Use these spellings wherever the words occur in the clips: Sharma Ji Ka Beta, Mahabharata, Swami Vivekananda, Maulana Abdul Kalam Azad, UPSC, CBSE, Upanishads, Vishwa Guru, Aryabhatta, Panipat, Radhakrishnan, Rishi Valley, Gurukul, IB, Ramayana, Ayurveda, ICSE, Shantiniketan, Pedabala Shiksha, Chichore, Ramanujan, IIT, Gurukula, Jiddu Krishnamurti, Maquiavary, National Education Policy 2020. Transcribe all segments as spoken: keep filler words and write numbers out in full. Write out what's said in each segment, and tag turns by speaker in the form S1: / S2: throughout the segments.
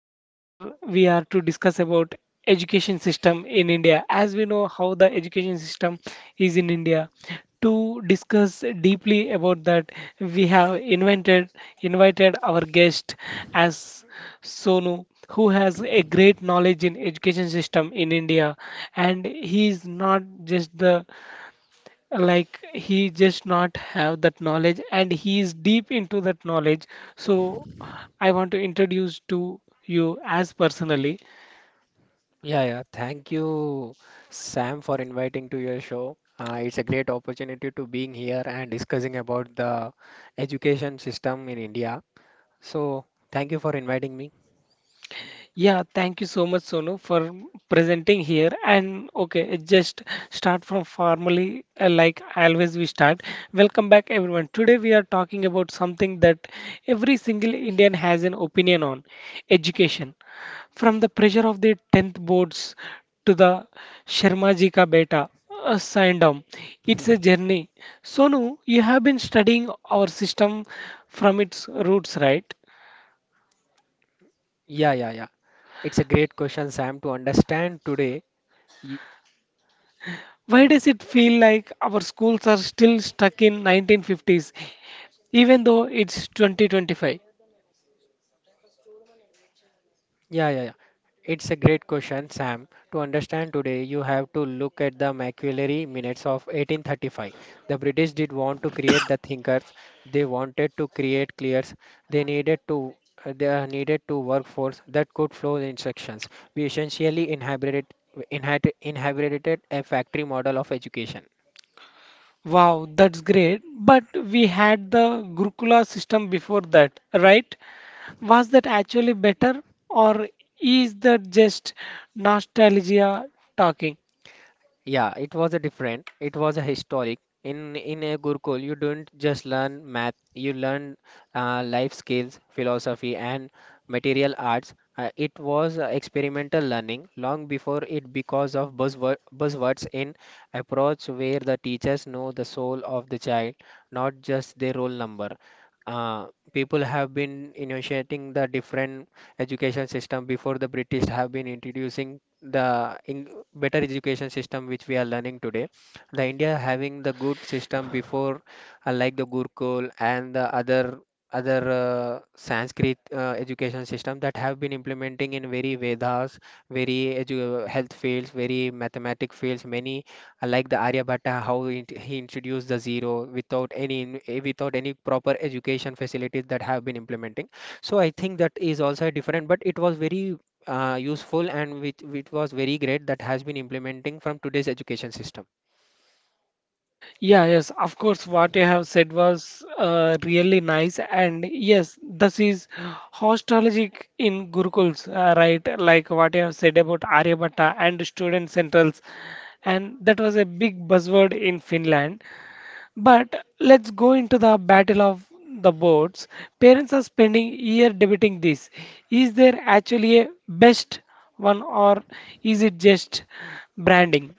S1: here we are to discuss about education system in India. As we know how the education system is in India, to discuss deeply about that, we have invented invited our guest as Sonu, who has a great knowledge in education system in India, and he is not just the like he just not have that knowledge and he is deep into that knowledge, so I want to introduce to you as personally.
S2: Yeah, yeah. Thank you, Sam, for inviting to your show. Uh, it's a great opportunity to being here and discussing about the education system in India. So, thank you for inviting me.
S1: Yeah, thank you so much, Sonu, for presenting here. And okay, it just start from formally, uh, like always we start. Welcome back, everyone. Today we are talking about something that every single Indian has an opinion on, education. From the pressure of the tenth boards to the Sharma Ji Ka Beta, uh, Sandom, it's a journey. Sonu, you have been studying our system from its roots, right?
S2: Yeah, yeah, yeah. It's a great question, Sam, to understand today.
S1: Why does it feel like our schools are still stuck in nineteen fifties, even though it's twenty twenty-five?
S2: Yeah, yeah, yeah. It's a great question, Sam. To understand today, you have to look at the Maquiavary minutes of eighteen thirty-five. The British did want to create the thinkers. They wanted to create clears. They needed to they needed to workforce that could flow the instructions. We essentially inherited inherited inherited a factory model of education.
S1: Wow, that's great. But we had the Gurukula system before that, right? Was that actually better, or is that just nostalgia talking?
S2: Yeah, it was a different. It was a historic. In in a Gurukul, you don't just learn math. You learn uh, life skills, philosophy, and material arts. Uh, it was uh, experimental learning long before it because of buzzword, buzzwords in approach where the teachers know the soul of the child, not just their roll number. Uh, People have been initiating the different education system before the British have been introducing the in better education system which we are learning today. The India having the good system before, uh, like the Gurukul and the other other uh, Sanskrit uh, education system that have been implementing in very Vedas, very edu- health fields, very mathematic fields, many, uh, like the Aryabhatta, how he int- he introduced the zero without any in- eh, without any proper education facilities that have been implementing. So I think that is also different, but it was very uh, useful, and which, which was very great that has been implementing from today's education system.
S1: Yeah, yes, of course, what you have said was uh, really nice, and yes, this is hostologic in Gurukuls, uh, right? Like what you have said about Aryabhatta and student centrals, and that was a big buzzword in Finland. But let's go into the battle of the boards. Parents are spending year debating this. Is there actually a best one, or is it just branding?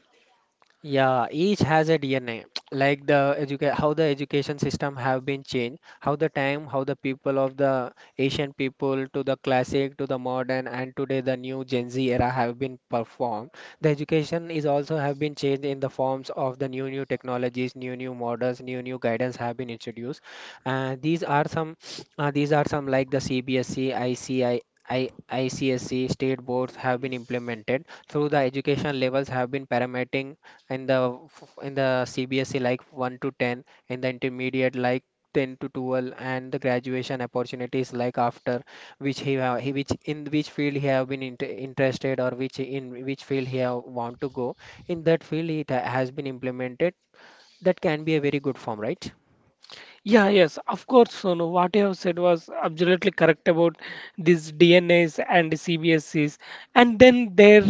S2: Yeah, each has a D N A. Like the educa how the education system have been changed, how the time, how the people of the Asian people to the classic to the modern, and today the new Gen Z era have been performed. The education is also have been changed in the forms of the new new technologies, new new models, new new guidance have been introduced. Uh, these are some uh, These are some, like the C B S E, I C I, I, C I. I, ICSE state boards have been implemented through the education levels, have been parameting in the f- in the C B S E like one to ten, in the intermediate like ten to twelve, and the graduation opportunities like after which he, have he which in which field he have been inter- interested, or which in which field he have want to go, in that field it ha- has been implemented. That can be a very good form, right?
S1: Yeah, yes, of course, Sonu. What you have said was absolutely correct about these D N As and C B S Cs. And then there,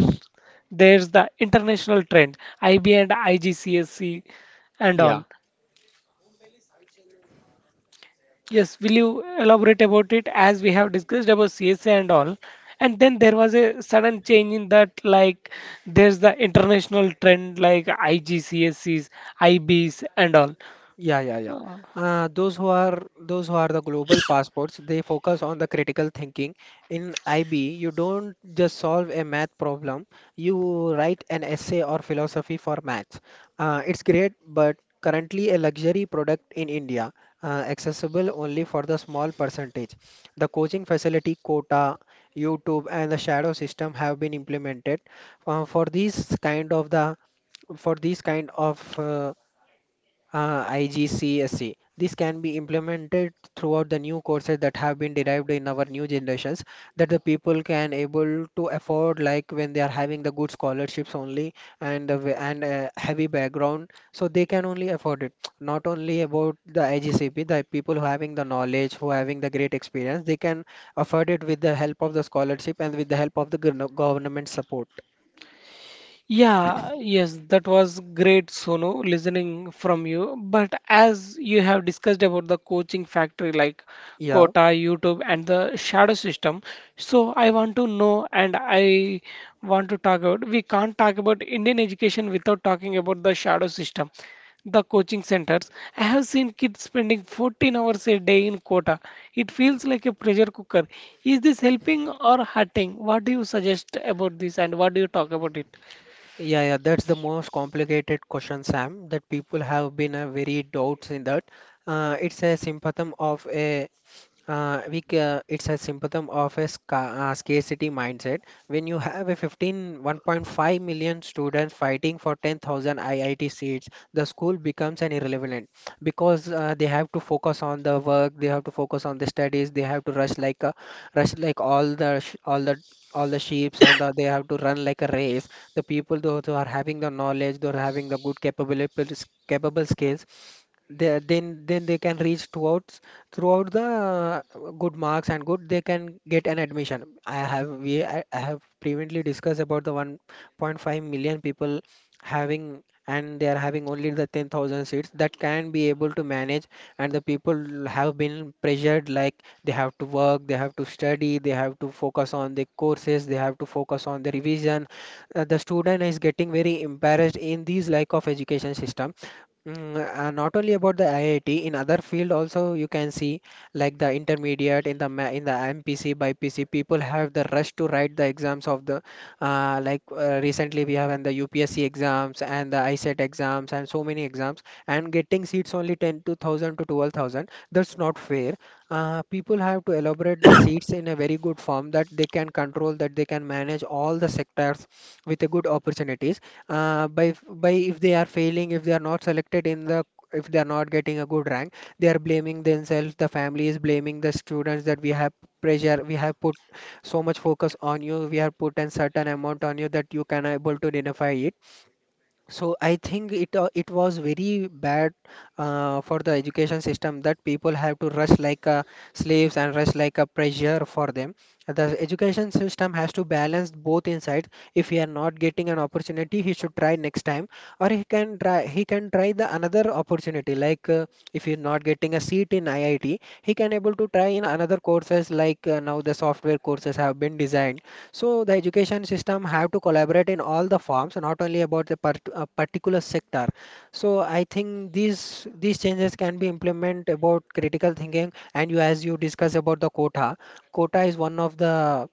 S1: there's the international trend, I B and I G C S E and
S2: Yeah,
S1: all. Yes, will you elaborate about it as we have discussed about C S A and all? And then there was a sudden change in that, like there's the international trend like I G C S Es, I Bs and
S2: yeah, yeah, yeah.
S1: all.
S2: Uh, those who are those who are the global passports, they focus on the critical thinking. In I B, you don't just solve a math problem, you write an essay or philosophy for maths. Uh, it's great, but currently a luxury product in India, uh, accessible only for the small percentage. The coaching facility quota, YouTube, and the shadow system have been implemented uh, for these kind of the for these kind of uh, uh, I G C S E. This can be implemented throughout the new courses that have been derived in our new generations, that the people can able to afford, like when they are having the good scholarships only, and the wa- and uh, heavy background, so they can only afford it. Not only about the I G C P, the people who having the knowledge, who having the great experience, they can afford it with the help of the scholarship and with the help of the gov- government support.
S1: Yeah, yes, that was great, Sonu, listening from you. But as you have discussed about the coaching factory like
S2: Yeah.
S1: Quota, YouTube, and the shadow system, so I want to know and I want to talk about, we can't talk about Indian education without talking about the shadow system, the coaching centers. I have seen kids spending fourteen hours a day in Quota. It feels like a pressure cooker. Is this helping or hurting? What do you suggest about this and what do you talk about it?
S2: Yeah, yeah, that's the most complicated question, Sam, that people have been uh, very doubts in that. Uh, it's a symptom of a uh, we ca- It's a symptom of a sca- uh, scarcity mindset. When you have a fifteen, one point five million students fighting for ten thousand I I T seats, the school becomes an irrelevant, because uh, they have to focus on the work, they have to focus on the studies, they have to rush like a, rush like all the sh- all the all the sheeps, and the, they have to run like a race. The people those who are having the knowledge, those who are having the good capabilities, capable skills, they, then then they can reach throughout throughout the uh, good marks, and good they can get an admission. I have we I, I have previously discussed about the one point five million people having, and they are having only the ten thousand seats that can be able to manage. And the people have been pressured, like they have to work, they have to study, they have to focus on the courses, they have to focus on the revision. Uh, the student is getting very embarrassed in these lack of education system. Mm, uh, not only about the I I T, in other field also you can see, like the intermediate, in the ma in the M P C by P C, people have the rush to write the exams of the, uh, like uh, recently we have in the U P S C exams, and the I S E T exams, and so many exams, and getting seats only ten to one thousand to twelve thousand. That's not fair. Uh, people have to elaborate the seats in a very good form, that they can control, that they can manage all the sectors with a good opportunities, uh, by f- by if they are failing, if they are not selected in the if they are not getting a good rank, they are blaming themselves. The family is blaming the students that we have pressure, we have put so much focus on you, we have put a certain amount on you that you can able to identify it. So I think it uh, it was very bad uh, for the education system, that people have to rush like uh, slaves and rush like a pressure for them. The education system has to balance both insides. If he are not getting an opportunity, he should try next time, or he can try he can try the another opportunity. Like uh, if he's not getting a seat in I I T, he can able to try in another courses, like uh, now the software courses have been designed. So the education system have to collaborate in all the forms, not only about the part, uh, particular sector. So I think these these changes can be implemented about critical thinking. And you as you discuss about the quota. Quota is one of the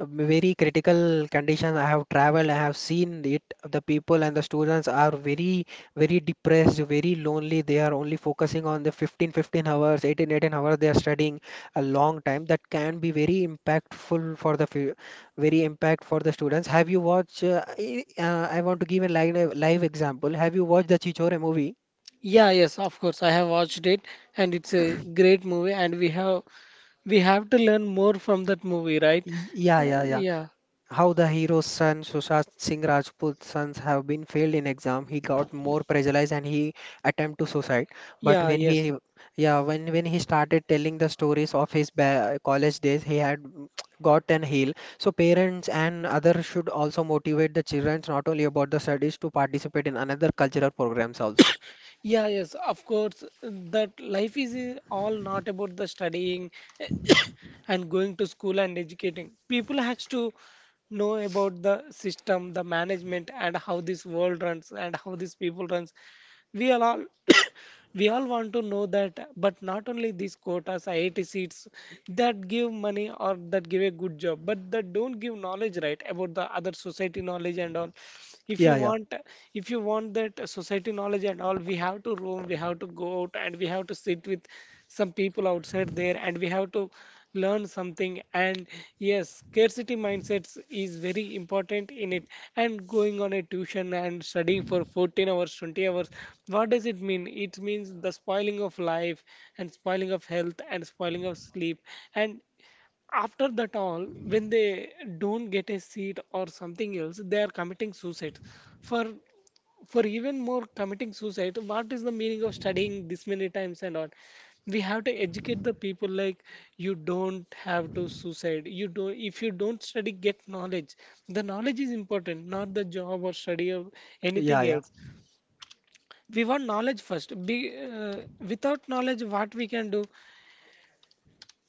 S2: a very critical condition. I have traveled, I have seen it. The people and the students are very, very depressed, very lonely. They are only focusing on the fifteen, fifteen hours, eighteen, eighteen hours. They are studying a long time. That can be very impactful for the, fu- very impact for the students. Have you watched? uh, I uh, I want to give a live, live example. Have you watched the Chichore movie?
S1: Yeah, yes, of course. I have watched it, and it's a great movie. And we have we have to learn more from that movie, right?
S2: Y- Yeah,
S1: Uh,
S2: yeah, yeah.
S1: yeah,
S2: How the hero's son, Sushant Singh Rajput's sons, have been failed in exam. He got more pressurized and he attempt to suicide. But
S1: yeah,
S2: when
S1: yes.
S2: he, yeah, when when he started telling the stories of his ba- college days, he had mm, got an heal. So parents and others should also motivate the children, not only about the studies, to participate in another cultural programs also.
S1: Yeah, yes, of course. That life is uh, all not about the studying and going to school and educating. People has to know about the system, the management, and how this world runs and how these people runs. We are all we all want to know that, but not only these quotas, I I T seats that give money or that give a good job, but that don't give knowledge, right, about the other society knowledge and all. if you
S2: Yeah, yeah,
S1: want if you want that society knowledge and all, we have to roam, we have to go out and we have to sit with some people outside there and we have to learn something. And yes, scarcity mindsets is very important in it, and going on a tuition and studying for fourteen hours, twenty hours, what does it mean? It means the spoiling of life and spoiling of health and spoiling of sleep. And after that all, when they don't get a seat or something else, they are committing suicide. For for even more committing suicide, what is the meaning of studying this many times and all? We have to educate the people like, you don't have to suicide, you don't, if you don't study, get knowledge. The knowledge is important, not the job or study or
S2: yeah,
S1: anything
S2: yeah,
S1: else. We want knowledge first, be uh, without knowledge what we can do?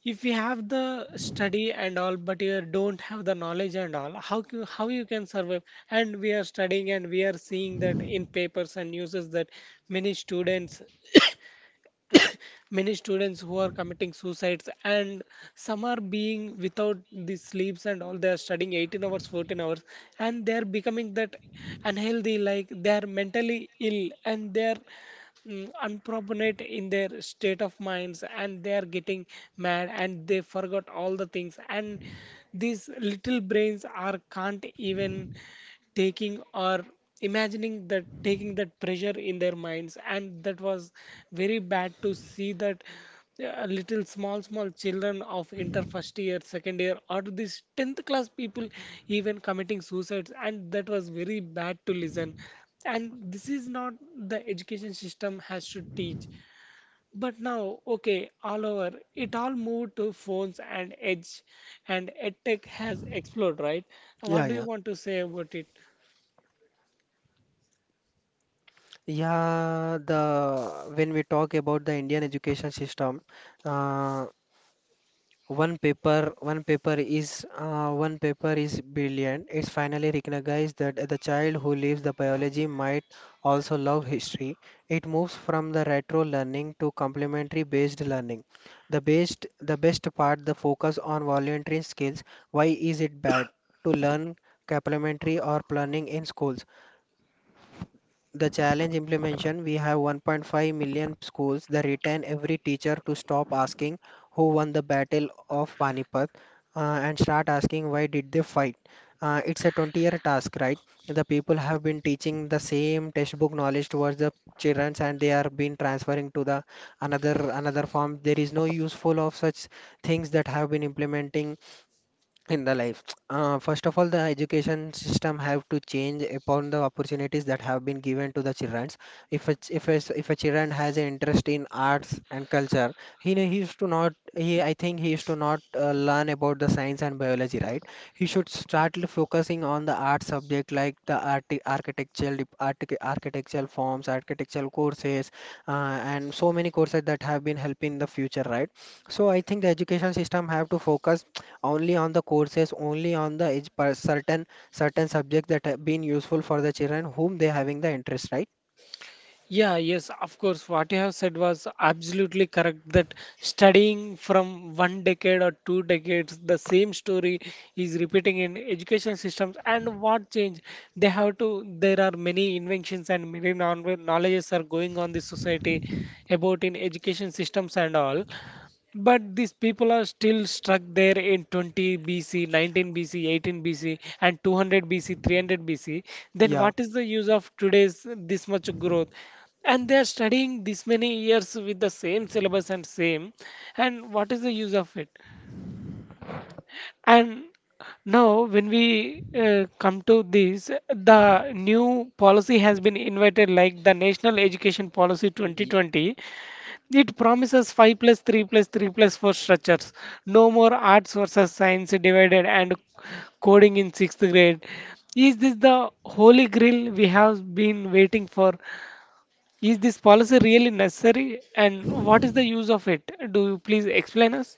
S1: If you have the study and all but you don't have the knowledge and all, how c- how you can survive? And we are studying and we are seeing that in papers and news is that many students many students who are committing suicides, and some are being without the sleeps and all, they are studying eighteen hours, fourteen hours, and they are becoming that unhealthy, like they are mentally ill and they are mm, unproportionate in their state of minds, and they are getting mad and they forgot all the things, and these little brains are can't even taking or imagining that, taking that pressure in their minds. And that was very bad to see that, uh, little small small children of inter first year, second year, or this tenth class people even committing suicides, and that was very bad to listen. And this is not the education system has to teach. But now, okay, all over it, all moved to phones and edge, and edtech has exploded, right?
S2: yeah,
S1: What do you
S2: yeah.
S1: want to say about it?
S2: Yeah, the when we talk about the Indian education system, uh, One paper, one paper is uh, one paper is brilliant. It's finally recognized that the child who leaves the biology might also love history. It moves from the retro learning to complementary based learning. The best, the best part, the focus on voluntary skills. Why is it bad to learn complementary or planning in schools? The challenge implementation, we have one point five million schools that retain every teacher to stop asking who won the battle of Panipat, uh, and start asking why did they fight. Uh, it's a twenty year task, right? The people have been teaching the same textbook knowledge towards the children, and they are being transferring to the another another form. There is no useful of such things that have been implementing in the life. Uh, first of all, the education system have to change upon the opportunities that have been given to the children. If a, ch- if a, s- if a children has an interest in arts and culture, he ne- he used to not he I think he used to not uh, learn about the science and biology, right? He should start l- focusing on the art subject, like the art architectural dep- archi- architectural forms, architectural courses, uh, and so many courses that have been helping the future, right? So I think the education system have to focus only on the courses, only on the age per certain certain subjects that have been useful for the children whom they having the interest, right?
S1: Yeah, yes, of course. What you have said was absolutely correct, that studying from one decade or two decades, the same story is repeating in education systems. And what change? They have to, there are many inventions and many knowl- knowledges are going on this society about in education systems and all. But these people are still stuck there in twenty B C, nineteen B C, eighteen B C, and two hundred B C, three hundred B C. Then
S2: Yeah,
S1: what is the use of today's this much growth? And they are studying this many years with the same syllabus and same. And what is the use of it? And now, when we uh, come to this, the new policy has been invited, like the National Education Policy
S2: y-
S1: twenty twenty. It promises five plus three plus three plus four structures. No more arts versus science divided, and coding in sixth grade. Is this the holy grail we have been waiting for? Is this policy really necessary and what is the use of it? Do you please explain us?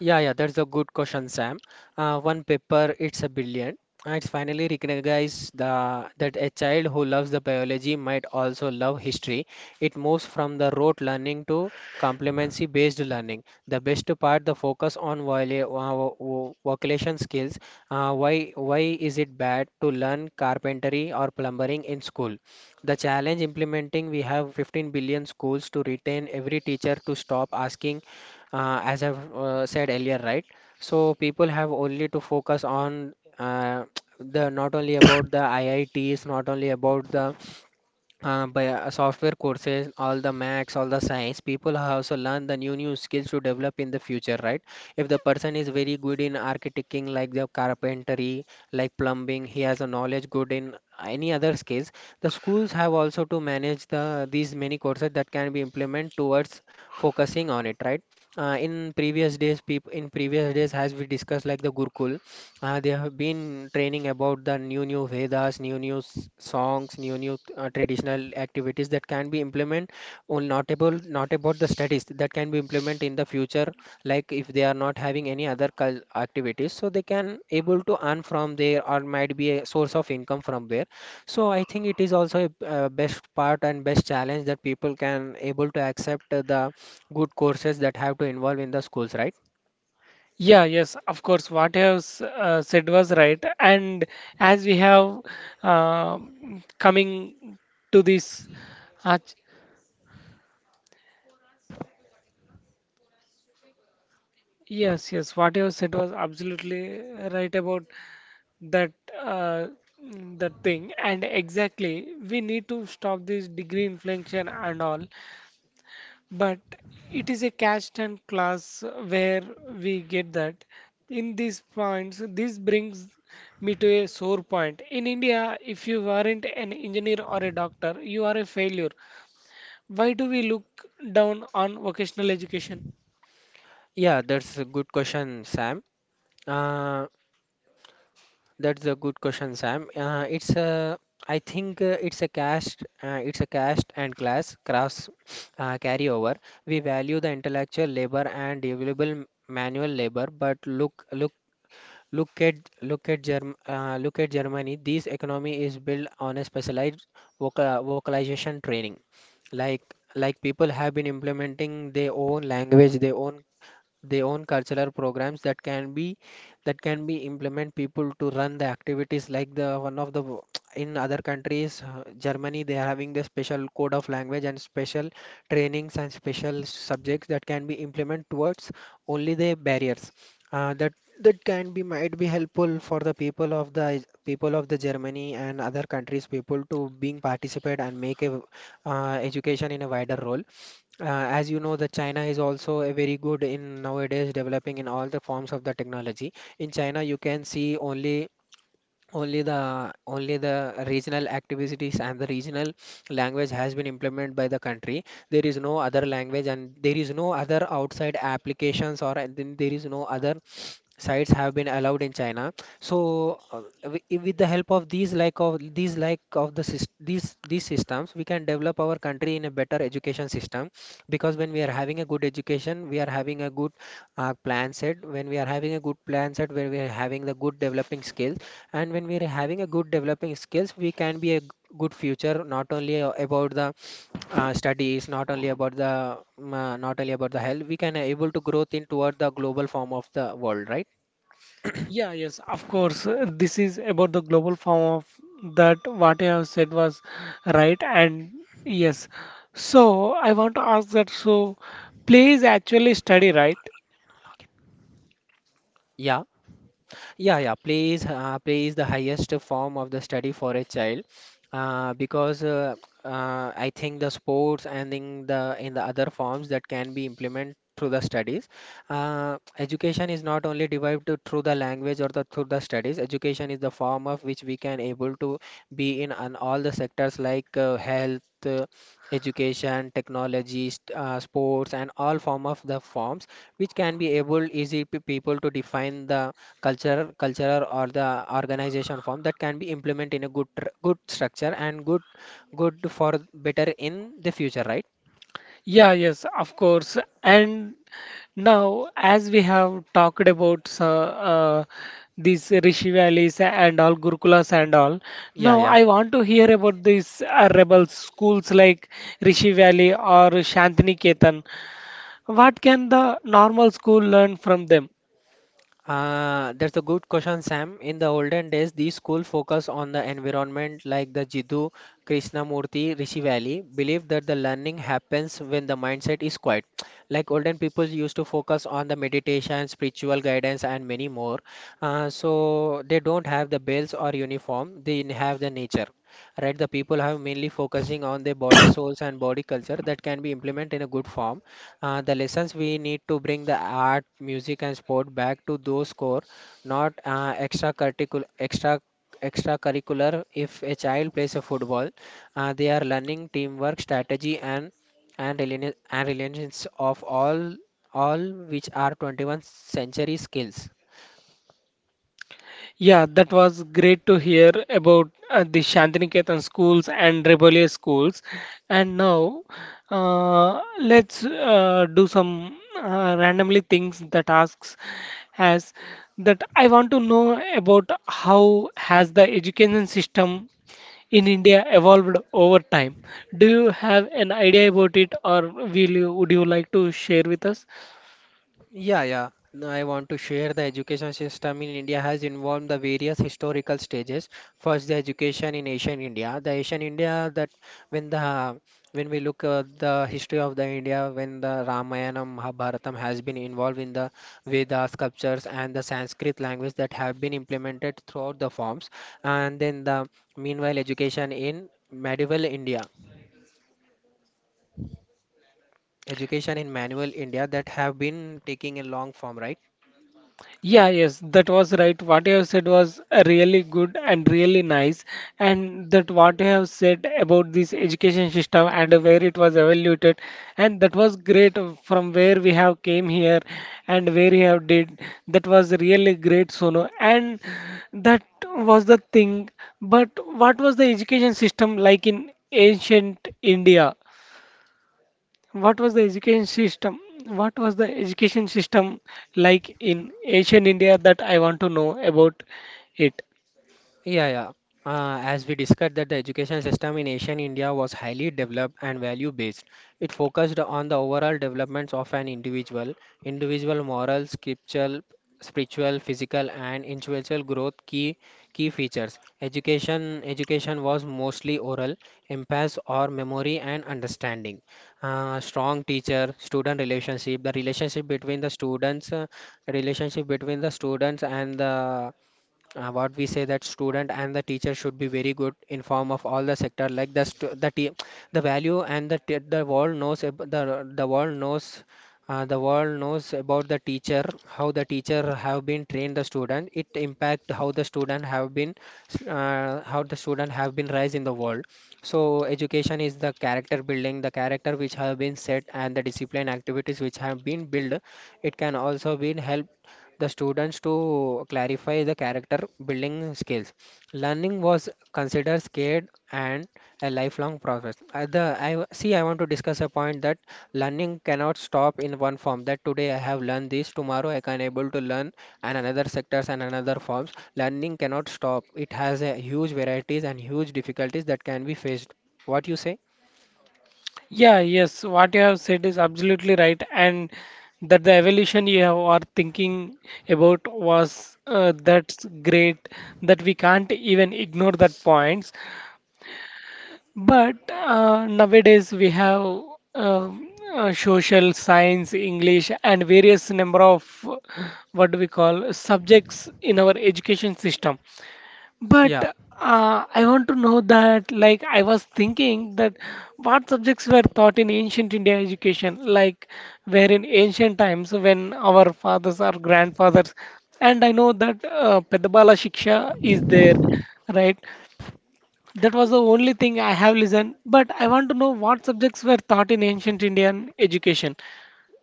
S2: Yeah, yeah, that's a good question, Sam. Uh, one paper, it's a billion. Uh, It's finally recognized the, that a child who loves the biology might also love history. It moves from the rote learning to competency-based learning. The best part, the focus on vola- vo- vo- vocation skills. Uh, why, why is it bad to learn carpentry or plumbing in school? The challenge implementing, we have fifteen billion schools to retain every teacher to stop asking uh, as I've uh, said earlier, right? So people have only to focus on uh, the not only about the I I Ts, not only about the uh, by uh, software courses, all the max, all the science, people have also learned the new new skills to develop in the future, right? If the person is very good in architecting, like the carpentry, like plumbing, he has a knowledge good in any other skills. The schools have also to manage the these many courses that can be implemented towards focusing on it, right? Uh, in previous days, people in previous days, as we discussed, like the Gurukul. Uh, they have been training about the new new Vedas, new new s- songs, new new uh, traditional activities that can be implemented. Only not about not about the studies that can be implemented in the future. Like if they are not having any other cul- activities, so they can able to earn from there or might be a source of income from there. So I think it is also a uh, best part and best challenge that people can able to accept uh, the good courses that have to involve in the schools, right?
S1: Yeah, yes, of course. What you have s- uh, said was right. And as we have uh, coming to this, uh, yes, yes. What you said was absolutely right about that uh, mm, that thing. And exactly, we need to stop this degree inflation and all. But it is a caste and class where we get that. In these points, this brings me to a sore point. In India, if you aren't an engineer or a doctor, you are a failure. Why do we look down on vocational education?
S2: Yeah, that's a good question, Sam. Uh, That's a good question, Sam. Uh, it's a, I think uh, it's a caste, uh, It's a caste and class cross uh, carryover. We value the intellectual labor and available manual labor, but look, look, look at look at Germ, uh, look at Germany. This economy is built on a specialized vocal, vocalization training. Like like people have been implementing their own language, their own they own cultural programs that can be that can be implement people to run the activities like the one of the w- in other countries, uh, Germany, they are having the special code of language and special trainings and special subjects that can be implement towards only the barriers. Uh, that that can be might be helpful for the people of the people of the Germany and other countries people to being participate and make a uh, education in a wider role uh, as you know, that China is also a very good in nowadays developing in all the forms of the technology. In China, you can see only only the only the regional activities and the regional language has been implemented by the country. There is no other language and there is no other outside applications or uh, then there is no other sites have been allowed in China. So uh, wi- i- with the help of these like of these like of the sys- these these systems, we can develop our country in a better education system. Because when we are having a good education, we are having a good uh, plan set. When we are having a good plan set, where we are having the good developing skills, and when we are having a good developing skills, we can be a g- good future not only uh, about the uh, studies, not only about the um, uh, not only about the health, we can able to growth in toward the global form of the world, right.
S1: Yeah, yes, of course. uh, This is about the global form of that, what I have said was right, and yes. So I want to ask that, so play is actually study, right?
S2: Yeah, yeah, yeah. Play is uh, play is the highest form of the study for a child, uh, because uh, uh, I think the sports and in the in the other forms that can be implemented through the studies. Uh, education is not only derived to- through the language or the through the studies. Education is the form of which we can able to be in on all the sectors like uh, health, uh, education, technology, st- uh, sports, and all form of the forms which can be able easy pe- people to define the culture culture or the organization form that can be implemented in a good tr- good structure and good good for better in the future, right.
S1: Yeah, yes, of course. And now, as we have talked about, so, uh, these Rishi Valleys and all Gurukulas and all,
S2: yeah
S1: now
S2: yeah
S1: I want to hear about these uh, rebel schools like Rishi Valley or Shantiniketan. What can the normal school learn from them?
S2: Uh, that's a good question, Sam. In the olden days, these schools focused on the environment like the Jiddu, Krishnamurti, Rishi Valley, believed that the learning happens when the mindset is quiet. Like olden people used to focus on the meditation, spiritual guidance, and many more. Uh, so they don't have the bells or uniform, they have the nature. Right, the people have mainly focusing on their body, souls, and body culture that can be implemented in a good form. Uh, the lessons: we need to bring the art, music, and sport back to those core, not uh, extra curricular extra extracurricular. If a child plays a football, uh, they are learning teamwork, strategy, and and reliance and reliance of all all, which are twenty-first century skills.
S1: Yeah, that was great to hear about uh, the Shantiniketan schools and rebellious schools. And now, uh, let's uh, do some uh, randomly things that asks as that I want to know about, how has the education system in India evolved over time? Do you have an idea about it, or will you, would you like to share with us?
S2: Yeah, yeah. Now I want to share the education system in India has involved the various historical stages. First, the education in ancient India. The ancient India that when the when we look at the history of the India, when the Ramayana, Mahabharatam has been involved in the Veda sculptures and the Sanskrit language that have been implemented throughout the forms. And then the meanwhile education in medieval India, education in manual India that have been taking a long form, right?
S1: Yeah, yes, that was right. What you have said was uh, really good and really nice. And that what you have said about this education system and uh, where it was evaluated, and that was great, uh, from where we have came here and where we have did. That was really great, Sono. And that was the thing. But what was the education system like in ancient India? What was the education system? What was the education system like in ancient India that I want to know about it?
S2: Yeah, yeah. Uh, as we discussed that the education system in ancient India was highly developed and value-based. It focused on the overall developments of an individual, individual moral, scriptural, spiritual, physical, and intellectual growth, key key features. Education education was mostly oral, emphasis or memory and understanding. Uh, strong teacher-student relationship, the relationship between the students, uh, relationship between the students and the uh, what we say that student and the teacher should be very good in form of all the sector like the stu- the te- the value and the te- the world knows ab- the the world knows uh, the world knows about the teacher, how the teacher have been trained the student, it impact how the student have been s- uh, how the student have been raised in the world. So education is the character building, the character which have been set and the discipline activities which have been built, it can also be help the students to clarify the character building skills. Learning was considered scared and a lifelong process. Uh, the, I w- see, I want to discuss a point that learning cannot stop in one form. That today I have learned this, tomorrow I can able to learn and another sectors and another forms. Learning cannot stop. It has a huge varieties and huge difficulties that can be faced. What you say?
S1: Yeah, yes, what you have said is absolutely right, and that the evolution you have are thinking about was uh, that's great, that we can't even ignore that points. But uh, nowadays we have um, uh, social science, English, and various number of uh, what do we call subjects in our education system. But
S2: Yeah,
S1: uh, I want to know that, like, I was thinking that what subjects were taught in ancient India education, like, where in ancient times when our fathers or grandfathers, and I know that uh, Pedabala Shiksha is there, right? That was the only thing I have listened, but I want to know what subjects were taught in ancient Indian education.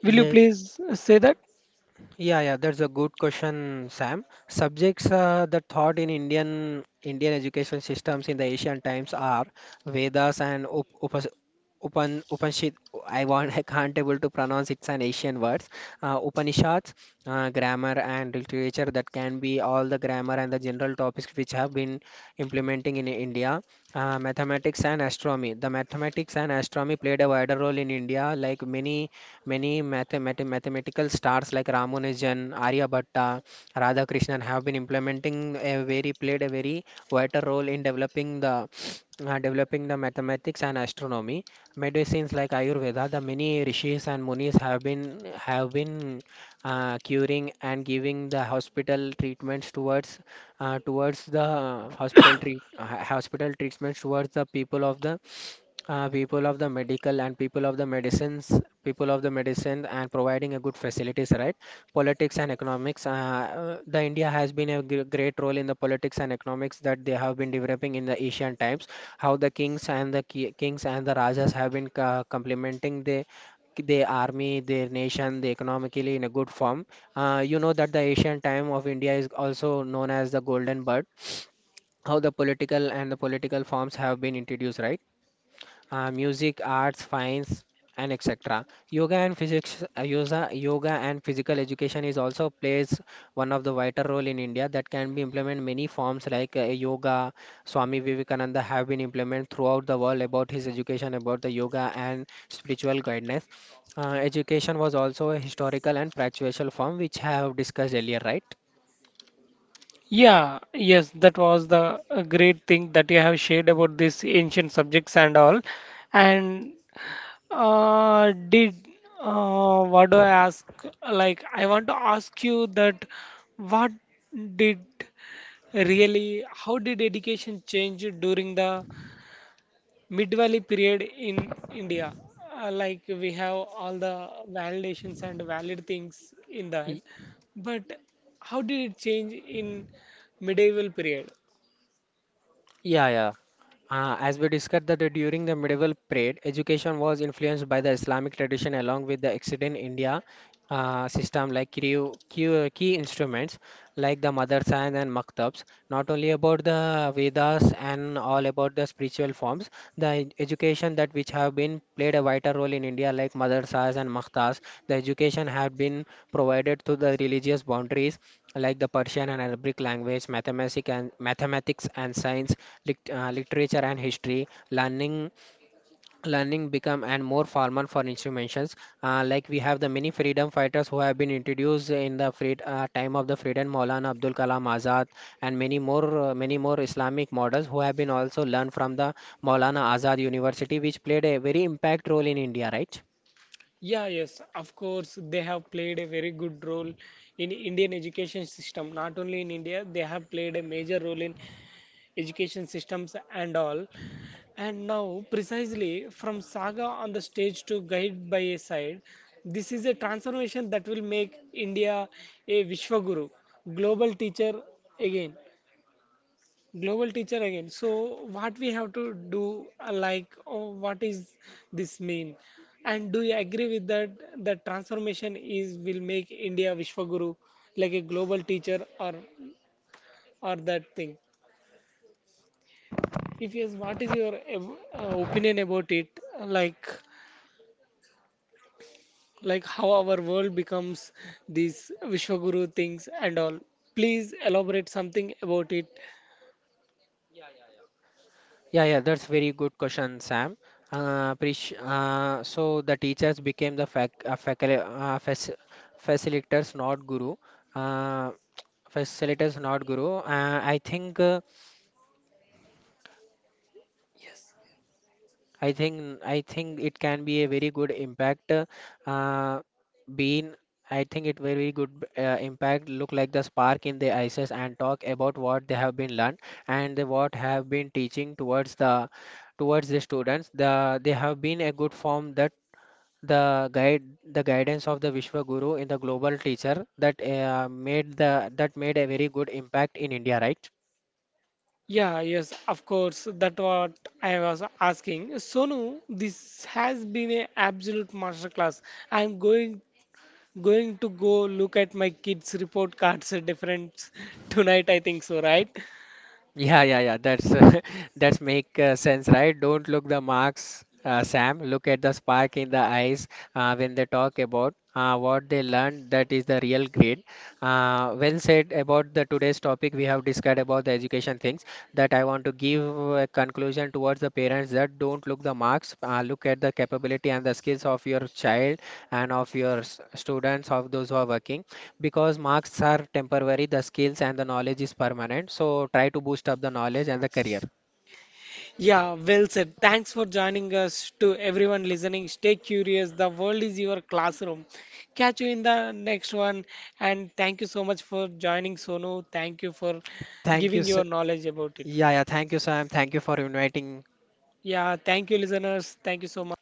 S1: Will you
S2: yeah,
S1: please say that?
S2: Yeah, yeah, that's a good question, Sam. Subjects uh, that taught in Indian Indian education systems in the ancient times are Vedas and Up Upas Upan Upanishad. I want I can't able to pronounce, it's an Asian words. Uh, Upanishads, uh, grammar and literature that can be all the grammar and the general topics which have been implementing in India. Uh, mathematics and astronomy. The mathematics and astronomy played a wider role in India, like many. Many mathemat- mathematical stars like Ramanujan, Aryabhatta, Radhakrishnan have been implementing a very played a very vital role in developing the uh, developing the mathematics and astronomy. Medicines like Ayurveda, the many rishis and munis have been have been uh, curing and giving the hospital treatments towards uh, towards the hospital treat uh, hospital treatments towards the people of the uh, people of the medical and people of the medicines, people of the medicine, and providing a good facilities, right? Politics and economics. Uh, uh, the India has been a gr- great role in the politics and economics that they have been developing in the ancient times. How the kings and the ki- kings and the rajas have been uh, complementing the their army, their nation, they economically in a good form. Uh, you know that the Asian time of India is also known as the golden bird. How the political and the political forms have been introduced, right? Uh, music, arts, science, and et cetera. Yoga and physics, uh, yoga, yoga and physical education is also plays one of the vital role in India that can be implemented many forms like uh, yoga. Swami Vivekananda have been implemented throughout the world about his education about the yoga and spiritual guidance. Uh, education was also a historical and practical form which I have discussed earlier, right?
S1: Yeah, yes, that was the uh, great thing that you have shared about these ancient subjects and all. And uh, did uh, what do I ask? Like, I want to ask you that, what did really, how did education change during the mid valley period in India? Uh, like, we have all the validations and valid things in that.
S2: Y-
S1: But how did it change in medieval period?
S2: Yeah, yeah. Uh, as we discussed that during the medieval period, education was influenced by the Islamic tradition along with the extant India uh, system like key, key, key instruments like the madrasas and maktabs, not only about the Vedas and all about the spiritual forms, the ed- education that which have been played a vital role in India like madrasas and maktabs, the education had been provided to the religious boundaries like the Persian and Arabic language, mathematics and mathematics and science, lit- uh, literature and history learning, learning become and more formal for instruments, uh, like we have the many freedom fighters who have been introduced in the free, uh, time of the freedom, Maulana Abdul Kalam Azad and many more uh, many more Islamic models who have been also learned from the Maulana Azad University, which played a very impact role in India, right.
S1: Yeah, yes, of course, they have played a very good role in Indian education system. Not only in India, they have played a major role in education systems and all. And now, precisely from saga on the stage to guide by a side, this is a transformation that will make India a Vishwaguru, global teacher again. Global teacher again. So, what we have to do, uh, like, oh, what is this mean? And do you agree with that? The transformation is, will make India Vishwaguru, like a global teacher or or that thing. If yes, what is your ev- uh, opinion about it? Like. like how our world becomes these Vishwaguru things and all. Please elaborate something about it.
S2: Yeah, yeah, that's very good question, Sam. Uh, Prish, uh, so the teachers became the fac uh, facil uh, fac facilitators, not guru. Uh, facilitators, not guru. Uh, I think, uh,
S1: Yes.
S2: I think, I think it can be a very good impact. Uh, being, I think it very good uh, impact. Look like the spark in the ISIS and talk about what they have been learned, and the, what have been teaching towards the towards the students, the they have been a good form that the guide the guidance of the Vishwa Guru, the global teacher, that uh, made the that made a very good impact in India, right?
S1: Yeah, yes, of course. That what I was asking. Sonu, this has been a absolute masterclass. I'm going going to go look at my kids' report cards difference tonight, I think so, right?
S2: Yeah, yeah, yeah. That's that's make uh, sense, right? Don't look the marks, uh, Sam. Look at the spark in the eyes uh, when they talk about uh, what they learned. That is the real grade. Uh, well said about the today's topic. We have discussed about the education things. That I want to give a conclusion towards the parents that don't look the marks. Uh, look at the capability and the skills of your child and of your s- students of those who are working, because marks are temporary, the skills and the knowledge is permanent. So try to boost up the knowledge and the career.
S1: Yeah, well said. Thanks for joining us, to everyone listening. Stay curious. The world is your classroom. Catch you in the next one. And thank you so much for joining, Sonu. Thank you for
S2: Thank you,
S1: giving your
S2: sir.
S1: knowledge about it.
S2: Yeah, yeah. Thank you, Sam. Thank you for inviting
S1: Yeah, thank you, listeners. Thank you so much.